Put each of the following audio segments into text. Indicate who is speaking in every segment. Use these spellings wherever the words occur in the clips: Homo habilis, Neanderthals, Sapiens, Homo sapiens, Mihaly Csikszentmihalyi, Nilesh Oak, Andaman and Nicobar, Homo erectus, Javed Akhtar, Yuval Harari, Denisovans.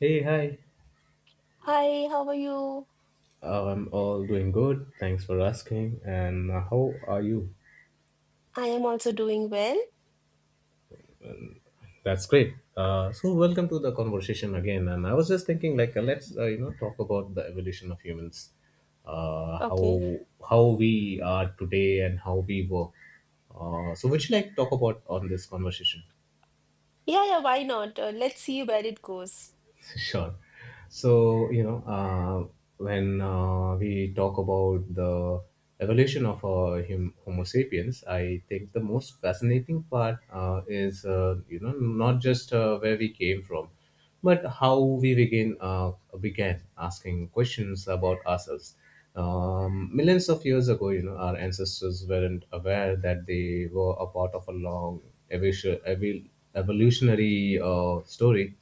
Speaker 1: Hey, hi.
Speaker 2: Hi, how are you?
Speaker 1: I'm all doing good. Thanks for asking. And how are you?
Speaker 2: I am also doing well.
Speaker 1: That's great. So welcome to the conversation again. And I was just thinking, let's talk about the evolution of humans, how
Speaker 2: Okay.
Speaker 1: how we are today and how we were. So would you like to talk about on this conversation?
Speaker 2: Yeah, yeah, why not? Let's see where it goes.
Speaker 1: Sure. So, when we talk about the evolution of Homo sapiens, I think the most fascinating part is, not just where we came from, but how we begin began asking questions about ourselves. Millions of years ago, our ancestors weren't aware that they were a part of a long evolution, evol- evolutionary story,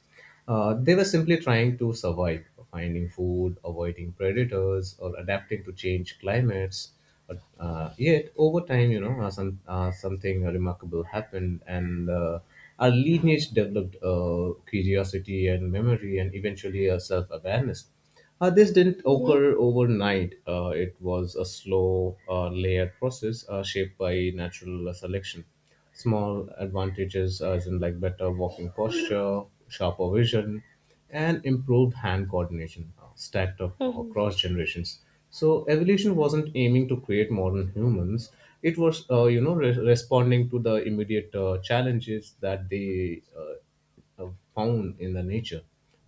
Speaker 1: they were simply trying to survive, finding food, avoiding predators, or adapting to change climates. But yet, over time, something remarkable happened, and our lineage developed curiosity and memory, and eventually a self-awareness. This didn't
Speaker 2: Mm-hmm.
Speaker 1: occur overnight. It was a slow, layered process shaped by natural selection. Small advantages, as in like better walking posture, sharper vision, and improved hand coordination, stacked up
Speaker 2: Mm-hmm.
Speaker 1: across generations. So evolution wasn't aiming to create modern humans. It was, responding to the immediate challenges that they uh, found in the nature.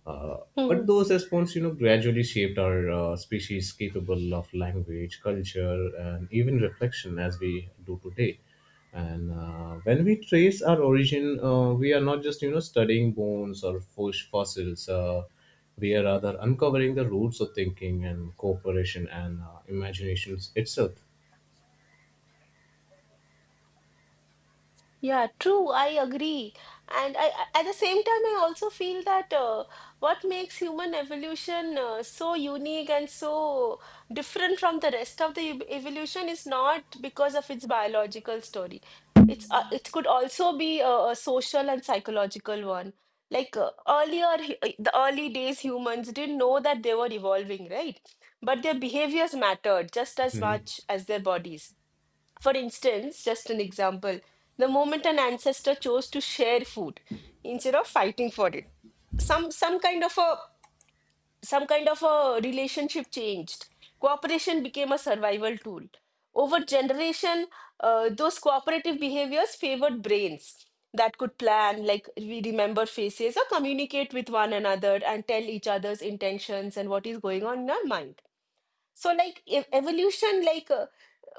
Speaker 1: Uh, but those responses, gradually shaped our species capable of language, culture, and even reflection as we do today. And when we trace our origin, we are not just studying bones or fossils. We are rather uncovering the roots of thinking and cooperation and imaginations itself.
Speaker 2: Yeah, true. I agree. And at the same time, I also feel that what makes human evolution so unique and so different from the rest of the evolution is not because of its biological story. It could also be a social and psychological one. Like earlier, the early days, humans didn't know that they were evolving, right? But their behaviors mattered just as much as their bodies. For instance, just an example, the moment an ancestor chose to share food instead of fighting for it, some kind of a some kind of a relationship changed. Cooperation became a survival tool. Over generation, those cooperative behaviors favored brains that could plan, like we remember faces or communicate with one another and tell each other's intentions and what is going on in our mind. So, like evolution, like,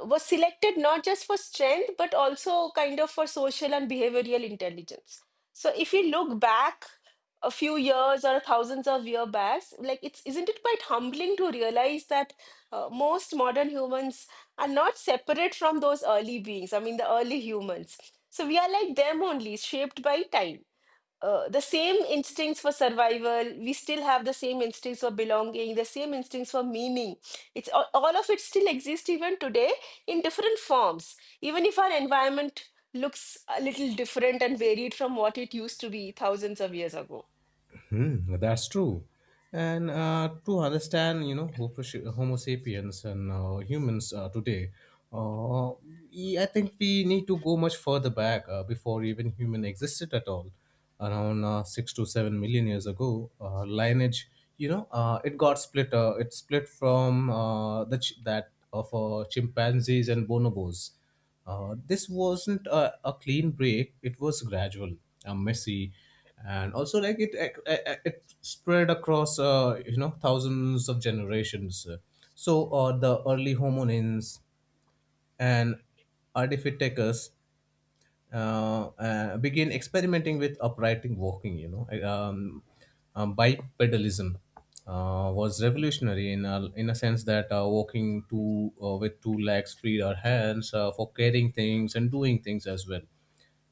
Speaker 2: was selected not just for strength but also kind of for social and behavioral intelligence. So if you look back a few years or thousands of years back, like, it's isn't it quite humbling to realize that most modern humans are not separate from those early beings? I mean, the early humans. So we are like them, only shaped by time. The same instincts for survival, we still have the same instincts for belonging, the same instincts for meaning. It's all of it still exists even today in different forms, even if our environment looks a little different and varied from what it used to be thousands of years ago.
Speaker 1: Hmm, that's true. And to understand, Homo sapiens and humans today, uh, I think we need to go much further back before even human existed at all. Around 6 to 7 million years ago, lineage, it got split. It split from that of chimpanzees and bonobos. This wasn't a clean break. It was gradual, messy, and also it spread across thousands of generations, so the early homonins and artificators begin experimenting with upright walking. Bipedalism was revolutionary in in a sense that walking two with two legs freed our hands for carrying things and doing things as well.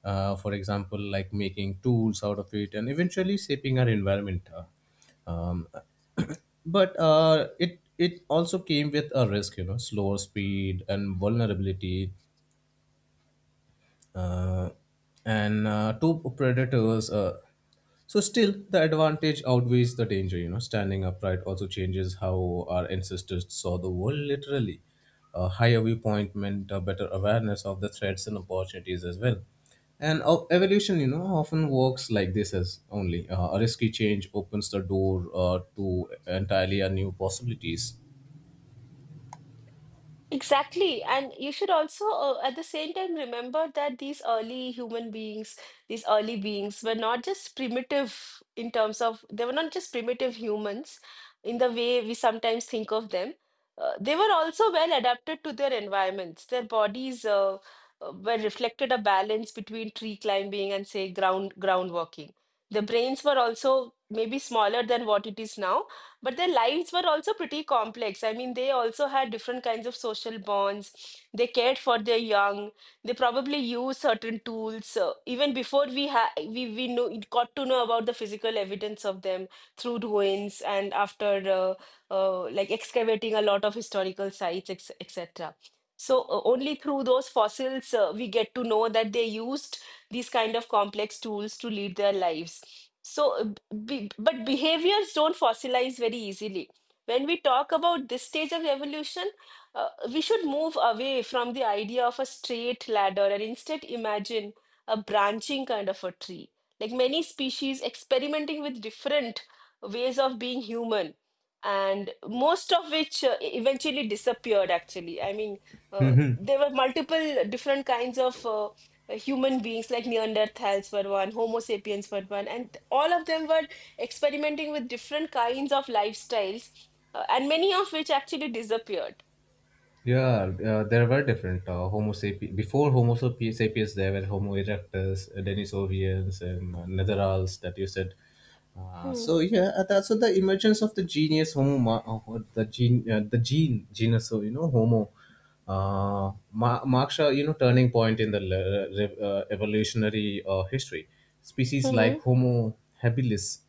Speaker 1: For example, like making tools out of it and eventually shaping our environment. Um, but it also came with a risk, slower speed and vulnerability, uh, and two predators. So still, the advantage outweighs the danger. You know, standing upright also changes how our ancestors saw the world. Literally, a higher viewpoint meant a better awareness of the threats and opportunities as well. And evolution, often works like this, as only a risky change opens the door to entirely a new possibilities.
Speaker 2: Exactly. And you should also, at the same time, remember that these early human beings, these early beings were not just primitive in terms of, they were not just primitive humans in the way we sometimes think of them. They were also well adapted to their environments. Their bodies were reflected a balance between tree climbing and, say, ground working. The brains were also maybe smaller than what it is now, but their lives were also pretty complex. I mean, they also had different kinds of social bonds. They cared for their young. They probably used certain tools even before we ha we know got to know about the physical evidence of them through ruins and after, uh, like excavating a lot of historical sites, etc. So only through those fossils we get to know that they used these kind of complex tools to lead their lives. So, but behaviors don't fossilize very easily. When we talk about this stage of evolution, we should move away from the idea of a straight ladder and instead imagine a branching kind of a tree. Like many species experimenting with different ways of being human, and most of which, eventually disappeared, actually. I mean, uh, there were multiple different kinds of human beings. Like Neanderthals were one, Homo sapiens were one, and all of them were experimenting with different kinds of lifestyles, and many of which actually disappeared.
Speaker 1: Yeah, there were different Homo sapiens. Before sapiens, there were Homo erectus, Denisovians, and Netherals that you said. That's so the emergence of the genius Homo, ma- the gene genus, Homo marks a turning point in the evolutionary history. Species like
Speaker 2: Mm-hmm.
Speaker 1: Homo habilis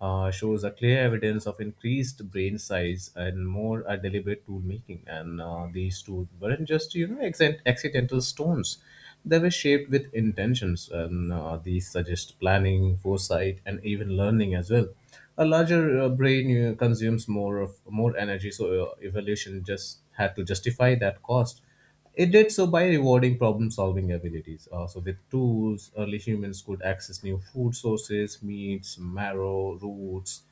Speaker 1: shows a clear evidence of increased brain size and more deliberate tool making. And these tools weren't just accidental stones; they were shaped with intentions, and these suggest planning, foresight, and even learning as well. A larger brain consumes more energy, so evolution just had to justify that cost. It did so by rewarding problem solving abilities. Uh, so with tools, early humans could access new food sources, meats, marrow, roots,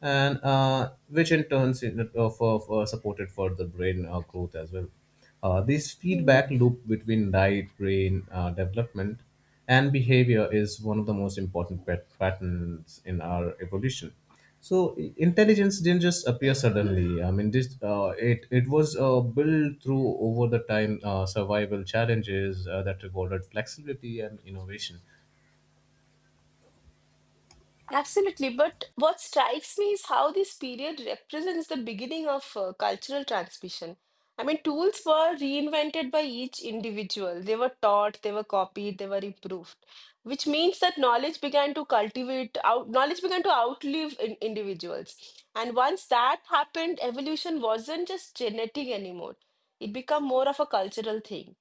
Speaker 1: and which in turns in, of supported further brain growth as well. This feedback loop between diet, brain development, and behavior is one of the most important patterns in our evolution. So intelligence didn't just appear suddenly. I mean, this it it was built through over the time survival challenges that rewarded flexibility and innovation.
Speaker 2: Absolutely. But what strikes me is how this period represents the beginning of cultural transmission. I mean, tools were reinvented by each individual. They were taught, they were copied, they were improved, which means that knowledge began to outlive, individuals. And once that happened, evolution wasn't just genetic anymore. It became more of a cultural thing.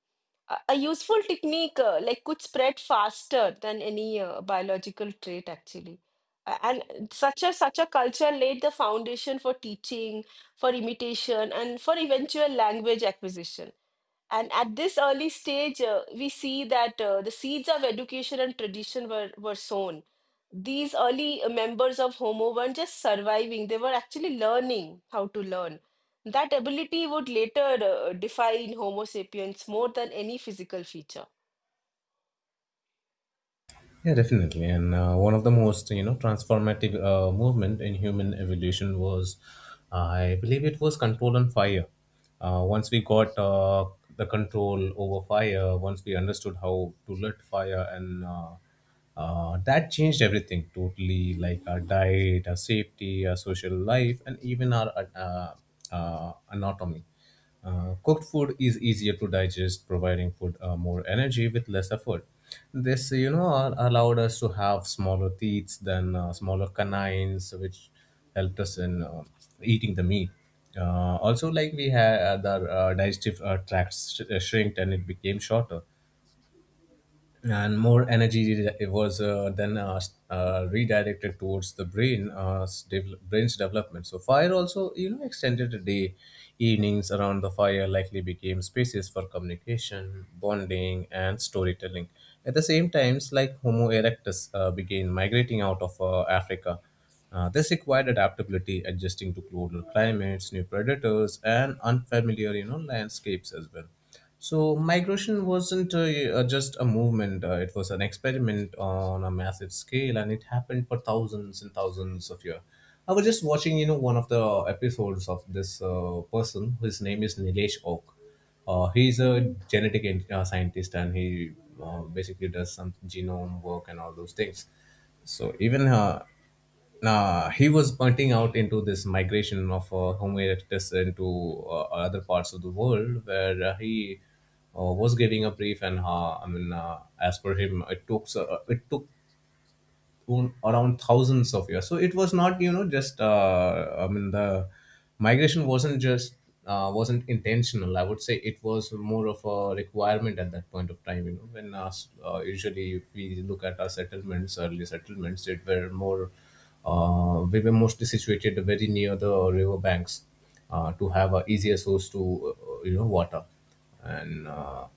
Speaker 2: A useful technique, like, could spread faster than any biological trait actually. And such a culture laid the foundation for teaching, for imitation, and for eventual language acquisition. And at this early stage, we see that the seeds of education and tradition were sown. These early members of Homo weren't just surviving, they were actually learning how to learn. That ability would later define Homo sapiens more than any physical feature.
Speaker 1: Yeah, definitely. And one of the most, transformative movement in human evolution was, I believe it was control on fire. Once we got the control over fire, once we understood how to lit fire, and that changed everything totally, like our diet, our safety, our social life, and even our anatomy. Cooked food is easier to digest, providing food more energy with less effort. This, allowed us to have smaller teeth than smaller canines, which helped us in eating the meat. Also, like we had the digestive tract shrinked and it became shorter, and more energy it was redirected towards the brain's development. So fire also, extended the day. Evenings around the fire likely became spaces for communication, bonding, and storytelling. At the same times, like Homo erectus began migrating out of Africa. This required adaptability, adjusting to global climates, new predators, and unfamiliar, landscapes as well. So migration wasn't just a movement; it was an experiment on a massive scale, and it happened for thousands and thousands of years. I was just watching, one of the episodes of this person. His name is Nilesh Oak. He's a
Speaker 2: Mhm.
Speaker 1: genetic scientist, and he basically does some genome work and all those things. So even he was pointing out into this migration of Homo erectus into other parts of the world, where he was getting a brief, and I mean, as per him, it took around thousands of years. So it was not, just I mean the migration wasn't intentional. I would say it was more of a requirement at that point of time. You know, when us usually if we look at our settlements, early settlements, it were more we were mostly situated very near the river banks to have a easier source to water. And.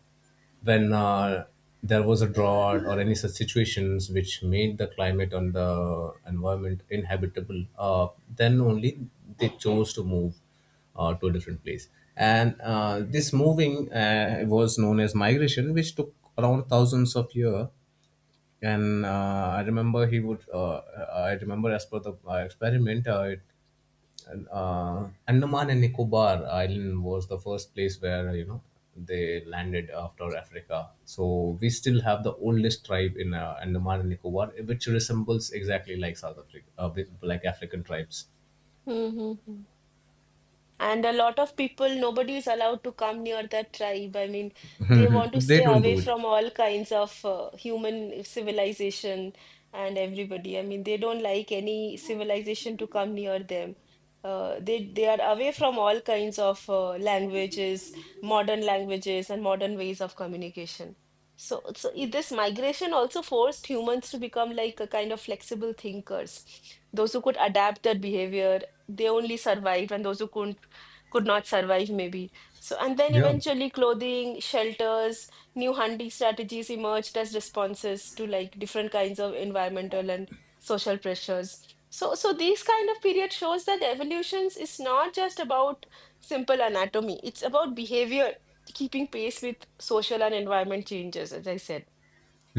Speaker 1: When There was a drought or any such situations which made the climate on the environment inhabitable, then only they chose to move to a different place. And this moving was known as migration, which took around thousands of years. And I remember he would. I remember as per the experiment, Andaman and Nicobar Island was the first place where they landed after Africa. So we still have the oldest tribe in Andaman and Nicobar, which resembles exactly like South Africa, like African tribes.
Speaker 2: Mhm. And a lot of people, nobody is allowed to come near that tribe. I mean, they
Speaker 1: Mhm.
Speaker 2: want to
Speaker 1: They
Speaker 2: stay
Speaker 1: don't
Speaker 2: away
Speaker 1: do it.
Speaker 2: from all kinds of human civilization and everybody. I mean, they don't like any civilization to come near them. They are away from all kinds of languages, modern languages, and modern ways of communication. So, this migration also forced humans to become like a kind of flexible thinkers. Those who could adapt their behavior, they only survived, and those who couldn't could not survive maybe. So, and then
Speaker 1: Yeah.
Speaker 2: eventually clothing, shelters, new hunting strategies emerged as responses to like different kinds of environmental and social pressures. So these kind of period shows that evolutions is not just about simple anatomy, it's about behavior keeping pace with social and environment changes, as I said.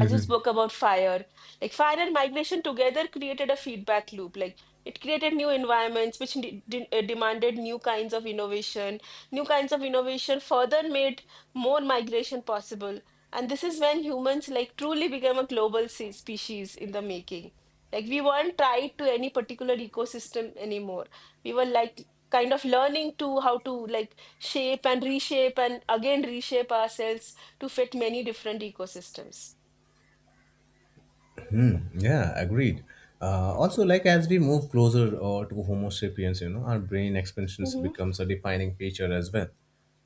Speaker 2: As you spoke about fire, like, fire and migration together created a feedback loop. Like, it created new environments, which demanded new kinds of innovation. New kinds of innovation further made more migration possible. And this is when humans like truly became a global species in the making. Like, we weren't tied to any particular ecosystem anymore. We were like kind of learning to how to like shape and reshape and again reshape ourselves to fit many different ecosystems.
Speaker 1: Yeah, agreed. Also, like as we move closer to Homo sapiens, our brain expansions
Speaker 2: Hmm.
Speaker 1: becomes a defining feature as well.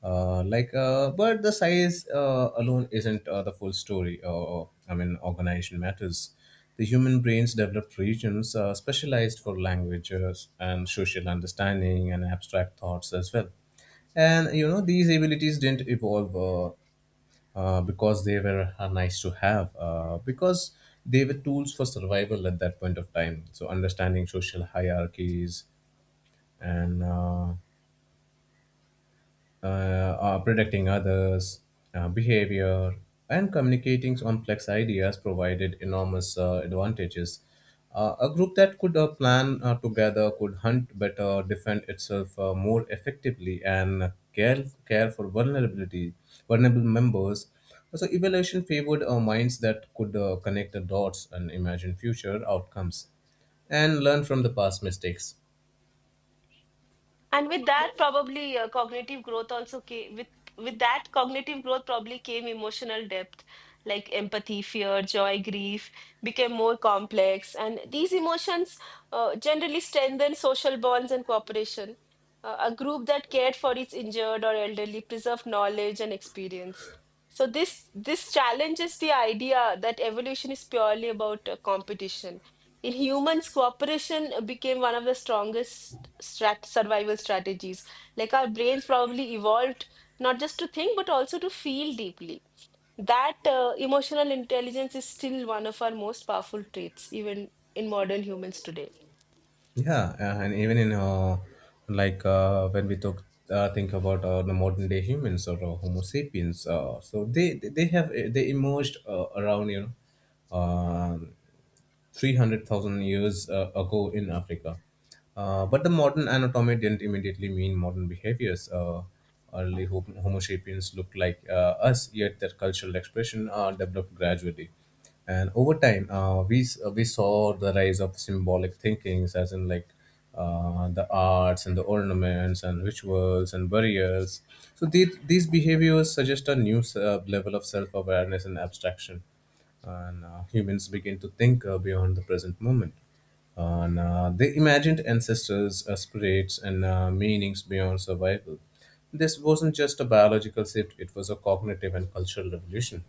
Speaker 1: Like, but the size alone isn't the full story. I mean, organization matters. The human brains developed regions specialized for languages and social understanding and abstract thoughts as well. And you know, these abilities didn't evolve, because they were nice to have, because they were tools for survival at that point of time. So, understanding social hierarchies and predicting others, behavior, and communicating complex ideas provided enormous advantages. A group that could plan together could hunt better, defend itself more effectively, and care for vulnerable members. So, evaluation favored minds that could connect the dots and imagine future outcomes and learn from the past mistakes.
Speaker 2: And with that, probably cognitive growth also came with that cognitive growth probably came emotional depth, like empathy, fear, joy, grief became more complex, and these emotions, generally strengthen social bonds and cooperation. A group that cared for its injured or elderly preserved knowledge and experience. So this challenges the idea that evolution is purely about competition. In humans, cooperation became one of the strongest strat survival strategies. Like, our brains probably evolved not just to think, but also to feel deeply. That emotional intelligence is still one of our most powerful traits, even in modern humans today.
Speaker 1: Yeah, and even in like uh, when we talk, think about the modern day humans or Homo sapiens, so they they have they emerged around know um, 300,000 years ago in Africa. But the modern anatomy didn't immediately mean modern behaviors. Early Homo sapiens looked like us, yet their cultural expression developed gradually. And over time, we saw the rise of symbolic thinkings, as in like the arts and the ornaments and rituals and burials. So these behaviors suggest a new level of self awareness and abstraction, and humans begin to think beyond the present moment. And they imagined ancestors, spirits, and meanings beyond survival. This wasn't just a biological shift; it was a cognitive and cultural revolution.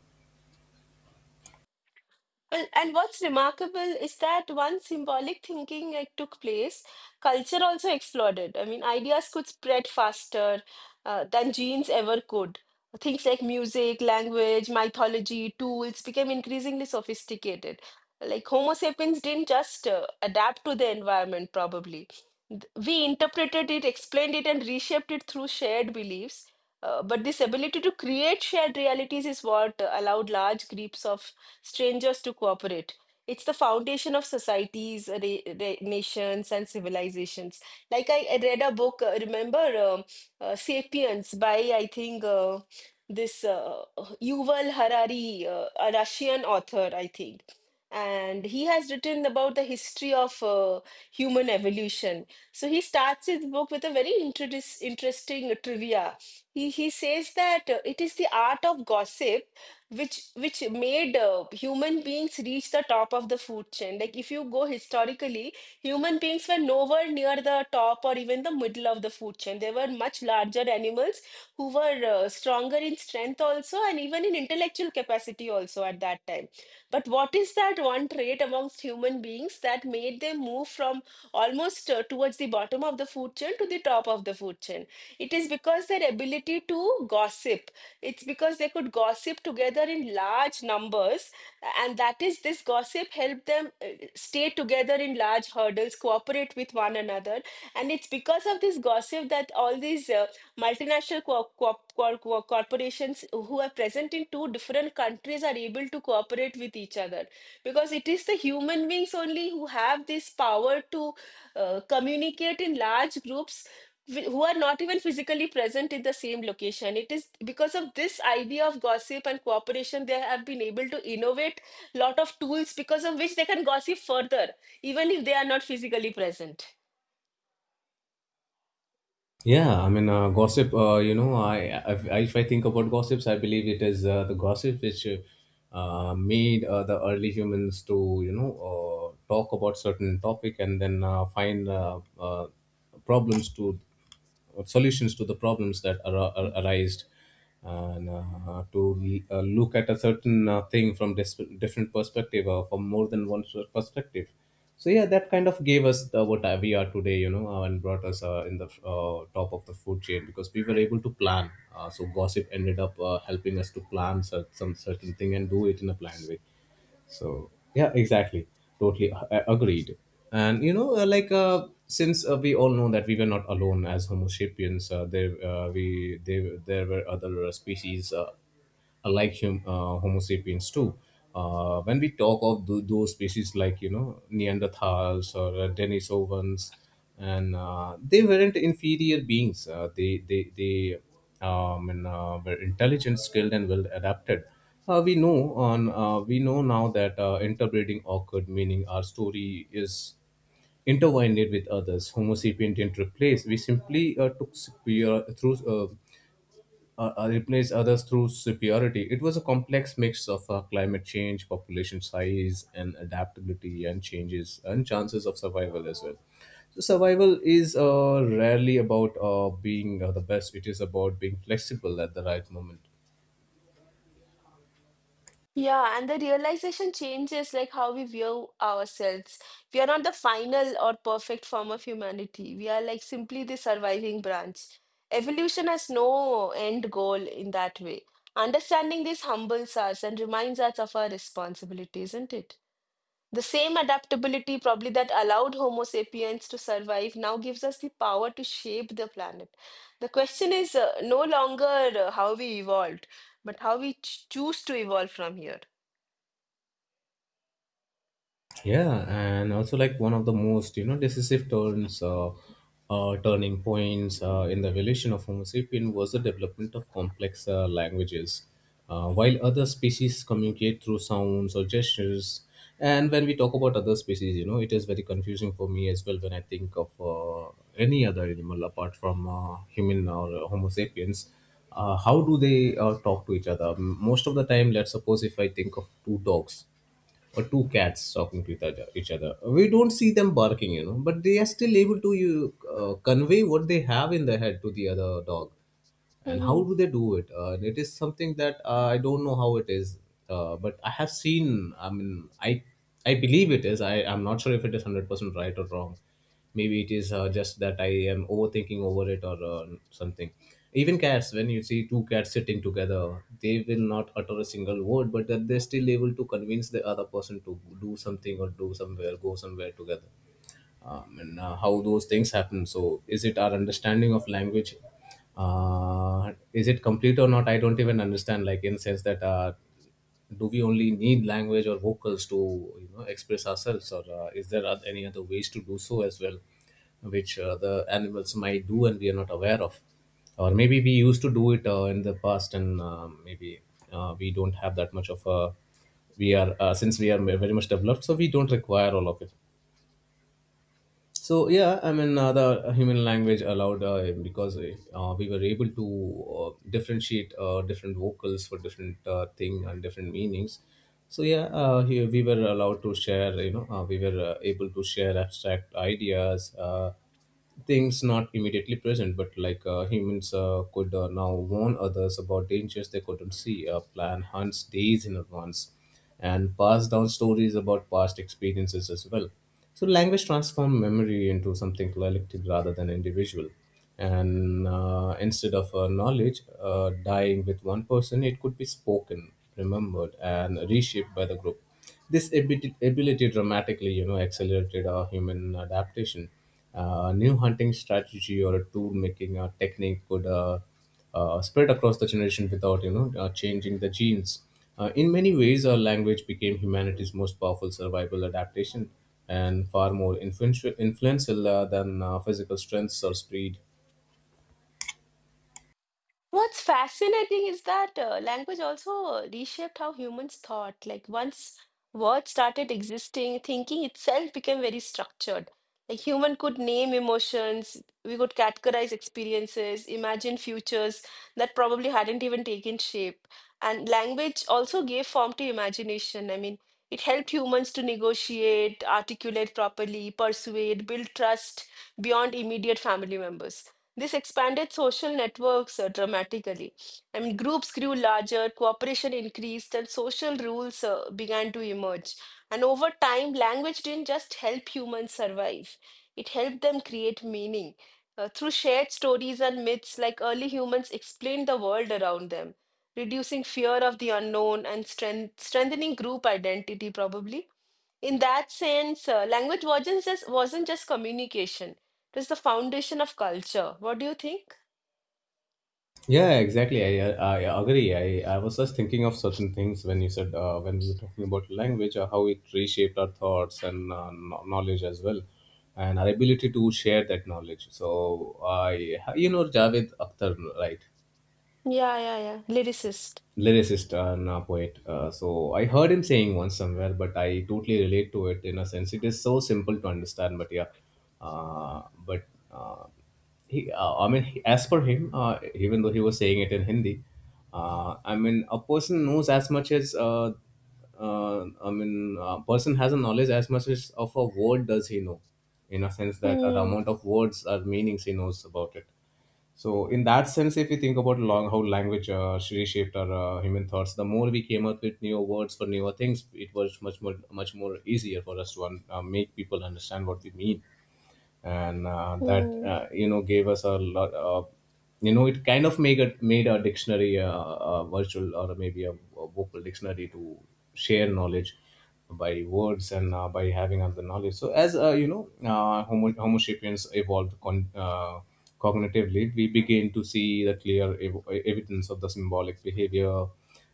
Speaker 2: Well, and what's remarkable is that once symbolic thinking, like, took place, culture also exploded. I mean, ideas could spread faster than genes ever could. Things like music, language, mythology, tools became increasingly sophisticated. Like, Homo sapiens didn't just adapt to the environment, probably. We interpreted it, explained it, and reshaped it through shared beliefs. But this ability to create shared realities is what allowed large groups of strangers to cooperate. It's the foundation of societies, nations, and civilizations. Like, I read a book, remember, *Sapiens* by, I think, this Yuval Harari, a Russian author, I think, and he has written about the history of human evolution. So he starts his book with a very interesting trivia. He says that it is the art of gossip which made human beings reach the top of the food chain. Like, if you go historically, human beings were nowhere near the top or even the middle of the food chain. They were much larger animals who were stronger in strength also and even in intellectual capacity also at that time. But what is that one trait amongst human beings that made them move from almost towards the bottom of the food chain to the top of the food chain? It is because their ability to gossip, it's because they could gossip together in large numbers, and that is this gossip helped them stay together in large hurdles, cooperate with one another. And it's because of this gossip that all these multinational corporations who are present in two different countries are able to cooperate with each other. Because it is the human beings only who have this power to communicate in large groups, who are not even physically present in the same location. It is because of this idea of gossip and cooperation, they have been able to innovate lot of tools because of which they can gossip further, even if they are not physically present.
Speaker 1: Yeah, I mean, gossip. You know, I if I think about gossips, I believe it is the gossip which made the early humans to you know talk about certain topic and then find problems to or solutions to the problems that are arise and to look at a certain thing from different perspective or from more than one sort of perspective, so yeah, that kind of gave us the, what we are today, you know, and brought us in the top of the food chain because we were able to plan, so gossip ended up helping us to plan some certain thing and do it in a planned way. So yeah, exactly, totally agreed. And you know, since we all know that we were not alone as Homo sapiens, there were other species like Homo sapiens too. When we talk of those species like you know Neanderthals or Denisovans, and they weren't inferior beings. They were intelligent, skilled, and well adapted. We know now that interbreeding occurred, meaning our story is intertwined with others. Homo sapien didn't replace. We simply took superior through replace others through superiority. It was a complex mix of climate change, population size, and adaptability, and changes and chances of survival as well. So survival is rarely about being the best. It is about being flexible at the right moment.
Speaker 2: Yeah, and the realization changes like how we view ourselves. We are not the final or perfect form of humanity. We are like simply the surviving branch. Evolution has no end goal in that way. Understanding this humbles us and reminds us of our responsibility, isn't it? The same adaptability, probably, that allowed Homo sapiens to survive now gives us the power to shape the planet. The question is, no longer, how we evolved, but how we choose to evolve from here.
Speaker 1: Yeah, and also like one of the most, you know, decisive turns turning points in the evolution of Homo sapien was the development of complex languages, while other species communicate through sounds or gestures. And when we talk about other species, you know, it is very confusing for me as well when I think of any other animal apart from human or Homo sapiens. Uh, how do they talk to each other most of the time? Let's suppose if I think of two dogs or two cats talking to each other. We don't see them barking, you know, but they are still able to you convey what they have in their head to the other dog. And how do they do it? And it is something that I don't know how it is, but I have seen. I mean, I believe it is. I'm not sure if it is 100% right or wrong. Maybe it is just that I am overthinking over it, or something. Even cats, when you see two cats sitting together, they will not utter a single word, but that they're still able to convince the other person to do something or do somewhere, go somewhere together. And how those things happen? So, is it our understanding of language? Is it complete or not? I don't even understand. Like, in sense that do we only need language or vocals to, you know, express ourselves, or is there any other ways to do so as well, which the animals might do and we are not aware of? Or maybe we used to do it in the past, and maybe we don't have that much of a. We are, since we are very much developed, so we don't require all of it. So yeah, I mean, the human language allowed, because we were able to differentiate different vocals for different thing and different meanings. So yeah, here we were allowed to share, you know, we were able to share abstract ideas, things not immediately present, but like humans could now warn others about dangers they couldn't see, plan hunts days in advance, and pass down stories about past experiences as well. So language transformed memory into something collective rather than individual. And instead of knowledge dying with one person, it could be spoken, remembered, and reshaped by the group. This ability dramatically, you know, accelerated our human adaptation. New hunting strategy or a tool making technique could spread across the generation without, you know, changing the genes. In many ways, our language became humanity's most powerful survival adaptation, and far more influential than physical strengths or speed.
Speaker 2: What's fascinating is that language also reshaped how humans thought. Like, once words started existing, thinking itself became very structured. Like, human could name emotions, we could categorize experiences, imagine futures that probably hadn't even taken shape. And language also gave form to imagination. I mean, it helped humans to negotiate, articulate properly, persuade, build trust beyond immediate family members. This expanded social networks dramatically. I mean, groups grew larger, cooperation increased, and social rules began to emerge. And over time, language didn't just help humans survive, it helped them create meaning. Through shared stories and myths, like, early humans explained the world around them, reducing fear of the unknown and strengthening group identity, probably. In that sense, language wasn't just communication. It was the foundation of culture. What do you think?
Speaker 1: Yeah, exactly. I agree. I was just thinking of certain things when you said, when you were talking about language, how it reshaped our thoughts and knowledge as well, and our ability to share that knowledge. So I, you know, Javed Akhtar, right?
Speaker 2: Yeah, yeah, yeah. Lyricist.
Speaker 1: Lyricist and a poet. So I heard him saying once somewhere, but I totally relate to it in a sense. It is so simple to understand, but yeah, uh, but uh, I mean, as per him, even though he was saying it in Hindi, I mean, a person knows as much as. I mean, a person has a knowledge as much as of a word does he know, in a sense that the
Speaker 2: Hmm.
Speaker 1: amount of words or meanings he knows about it. So in that sense, if you think about long how language reshaped our human thoughts, the more we came up with newer words for newer things, it was much more easier for us to make people understand what we mean, and that
Speaker 2: Hmm.
Speaker 1: you know gave us a lot of, you know, it kind of made a dictionary, a virtual or maybe a vocal dictionary to share knowledge by words and by having other knowledge. So as, you know, Homo sapiens evolved cognitively, we begin to see the clear evidence of the symbolic behavior,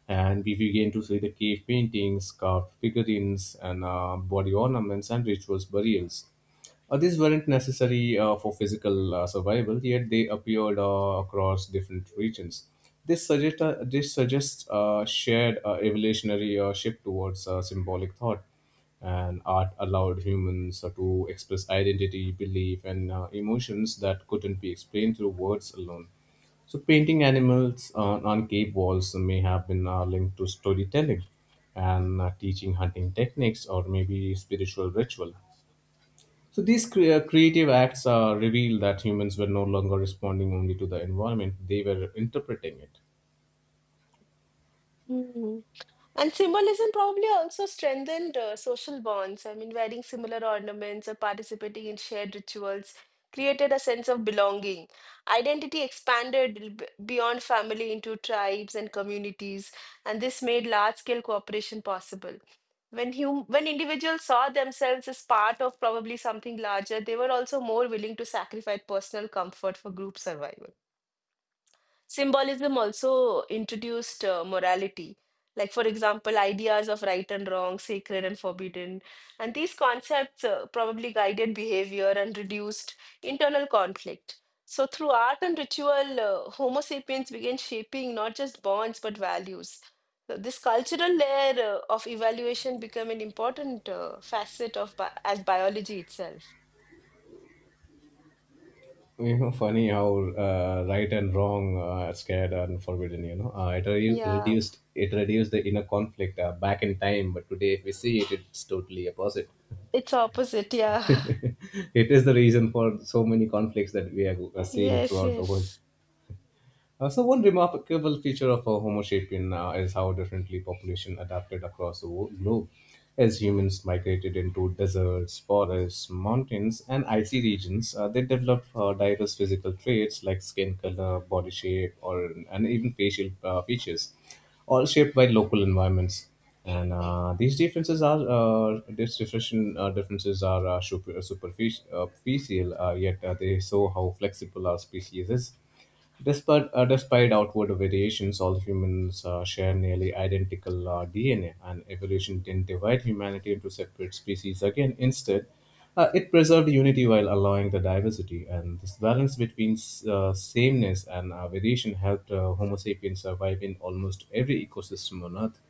Speaker 1: and we begin to see the cave paintings, carved figurines, and body ornaments and rituals burials. Uh, these weren't necessary for physical survival, yet they appeared across different regions. This, suggests a shared evolutionary shift towards symbolic thought, and art allowed humans to express identity, belief, and emotions that couldn't be explained through words alone. So, painting animals on cave walls may have been linked to storytelling and teaching hunting techniques or maybe spiritual ritual. So these creative acts reveal that humans were no longer responding only to the environment; they were interpreting it.
Speaker 2: Hmm. And symbolism probably also strengthened social bonds. I mean, wearing similar ornaments or participating in shared rituals created a sense of belonging. Identity expanded beyond family into tribes and communities, and this made large-scale cooperation possible. When individuals saw themselves as part of probably something larger, they were also more willing to sacrifice personal comfort for group survival. Symbolism also introduced morality, like, for example, ideas of right and wrong, sacred and forbidden. And these concepts, probably guided behavior and reduced internal conflict. So, through art and ritual, Homo sapiens began shaping not just bonds but values. So, this cultural layer of evaluation became an important facet of bi as biology itself.
Speaker 1: You know, funny how right and wrong are scared and forbidden. You know,
Speaker 2: Yeah,
Speaker 1: it reduced the inner conflict back in time, but today if we see it, it's totally opposite.
Speaker 2: it's opposite. Yeah.
Speaker 1: It is the reason for so many conflicts that we are seeing
Speaker 2: Yes,
Speaker 1: throughout the world.
Speaker 2: yes.
Speaker 1: So one remarkable feature of a Homo sapien is how differently population adapted across the globe. As humans migrated into deserts, forests, mountains, and icy regions, they developed diverse physical traits like skin color, body shape, or and even facial features, all shaped by local environments. And these differences are, these differentiation differences are superficial, yet they show how flexible our species is. Despite, despite outward variations, all humans share nearly identical DNA, and evolution didn't divide humanity into separate species again. Instead, it preserved unity while allowing the diversity, and this balance between sameness and variation helped Homo sapiens survive in almost every ecosystem on Earth.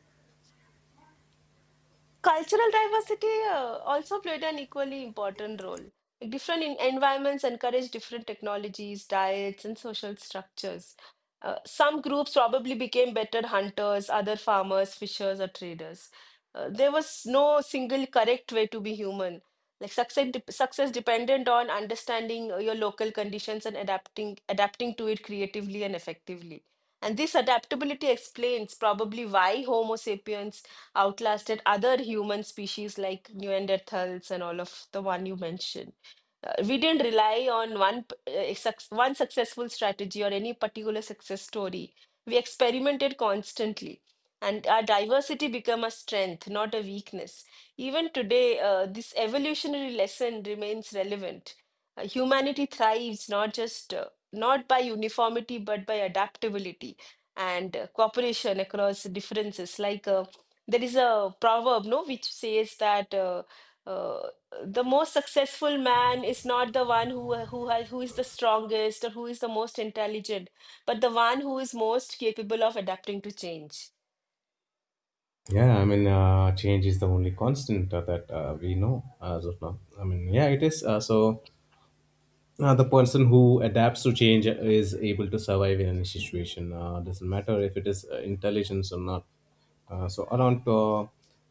Speaker 2: Cultural diversity also played an equally important role. Different in environments encourage different technologies, diets, and social structures. Some groups probably became better hunters, other farmers, fishers, or traders. There was no single correct way to be human. Like, success depended on understanding your local conditions and adapting to it creatively and effectively. And this adaptability explains probably why Homo sapiens outlasted other human species like Neanderthals and all of the one you mentioned. We didn't rely on one successful strategy or any particular success story. We experimented constantly, and our diversity became a strength, not a weakness. Even today, this evolutionary lesson remains relevant. Humanity thrives, not by uniformity, but by adaptability and cooperation across differences. Like, there is a proverb, no, which says that. Uh, the most successful man is not the one who is the strongest or who is the most intelligent, but the one who is most capable of adapting to change.
Speaker 1: Yeah, I mean, change is the only constant that we know as of now. I mean, yeah, it is. So. Uh, the person who adapts to change is able to survive in any situation. Doesn't matter if it is intelligence or not. So around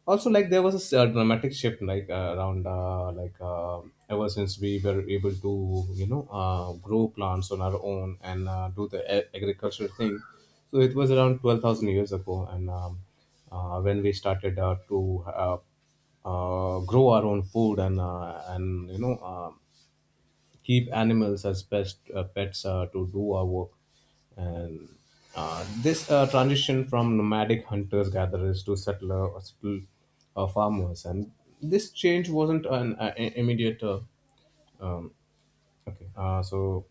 Speaker 1: also like there was a dramatic shift like around like ever since we were able to, you know, grow plants on our own and do the agriculture thing. So it was around 12,000 years ago, and when we started to grow our own food and, you know, keep animals as best pets to do our work. And this transition from nomadic hunters gatherers to settler or settled farmers, and this change wasn't an immediate. Okay. So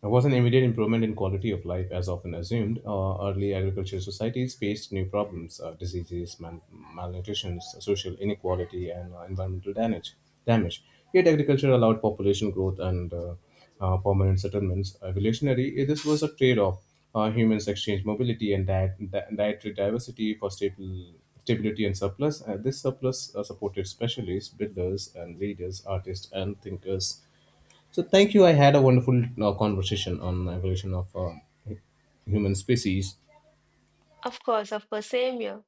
Speaker 1: there was an immediate improvement in quality of life, as often assumed. Early agricultural societies faced new problems: diseases, malnutrition, social inequality, and environmental damage. Damage. Yet agriculture allowed population growth and permanent settlements. Evolutionary, eh, this was a trade-off. Humans exchanged mobility and dietary diversity for stable stability and surplus. This surplus supported specialists, builders, and leaders, artists, and thinkers. So thank you. I had a wonderful conversation on evolution of hu- human species.
Speaker 2: Of course, same here.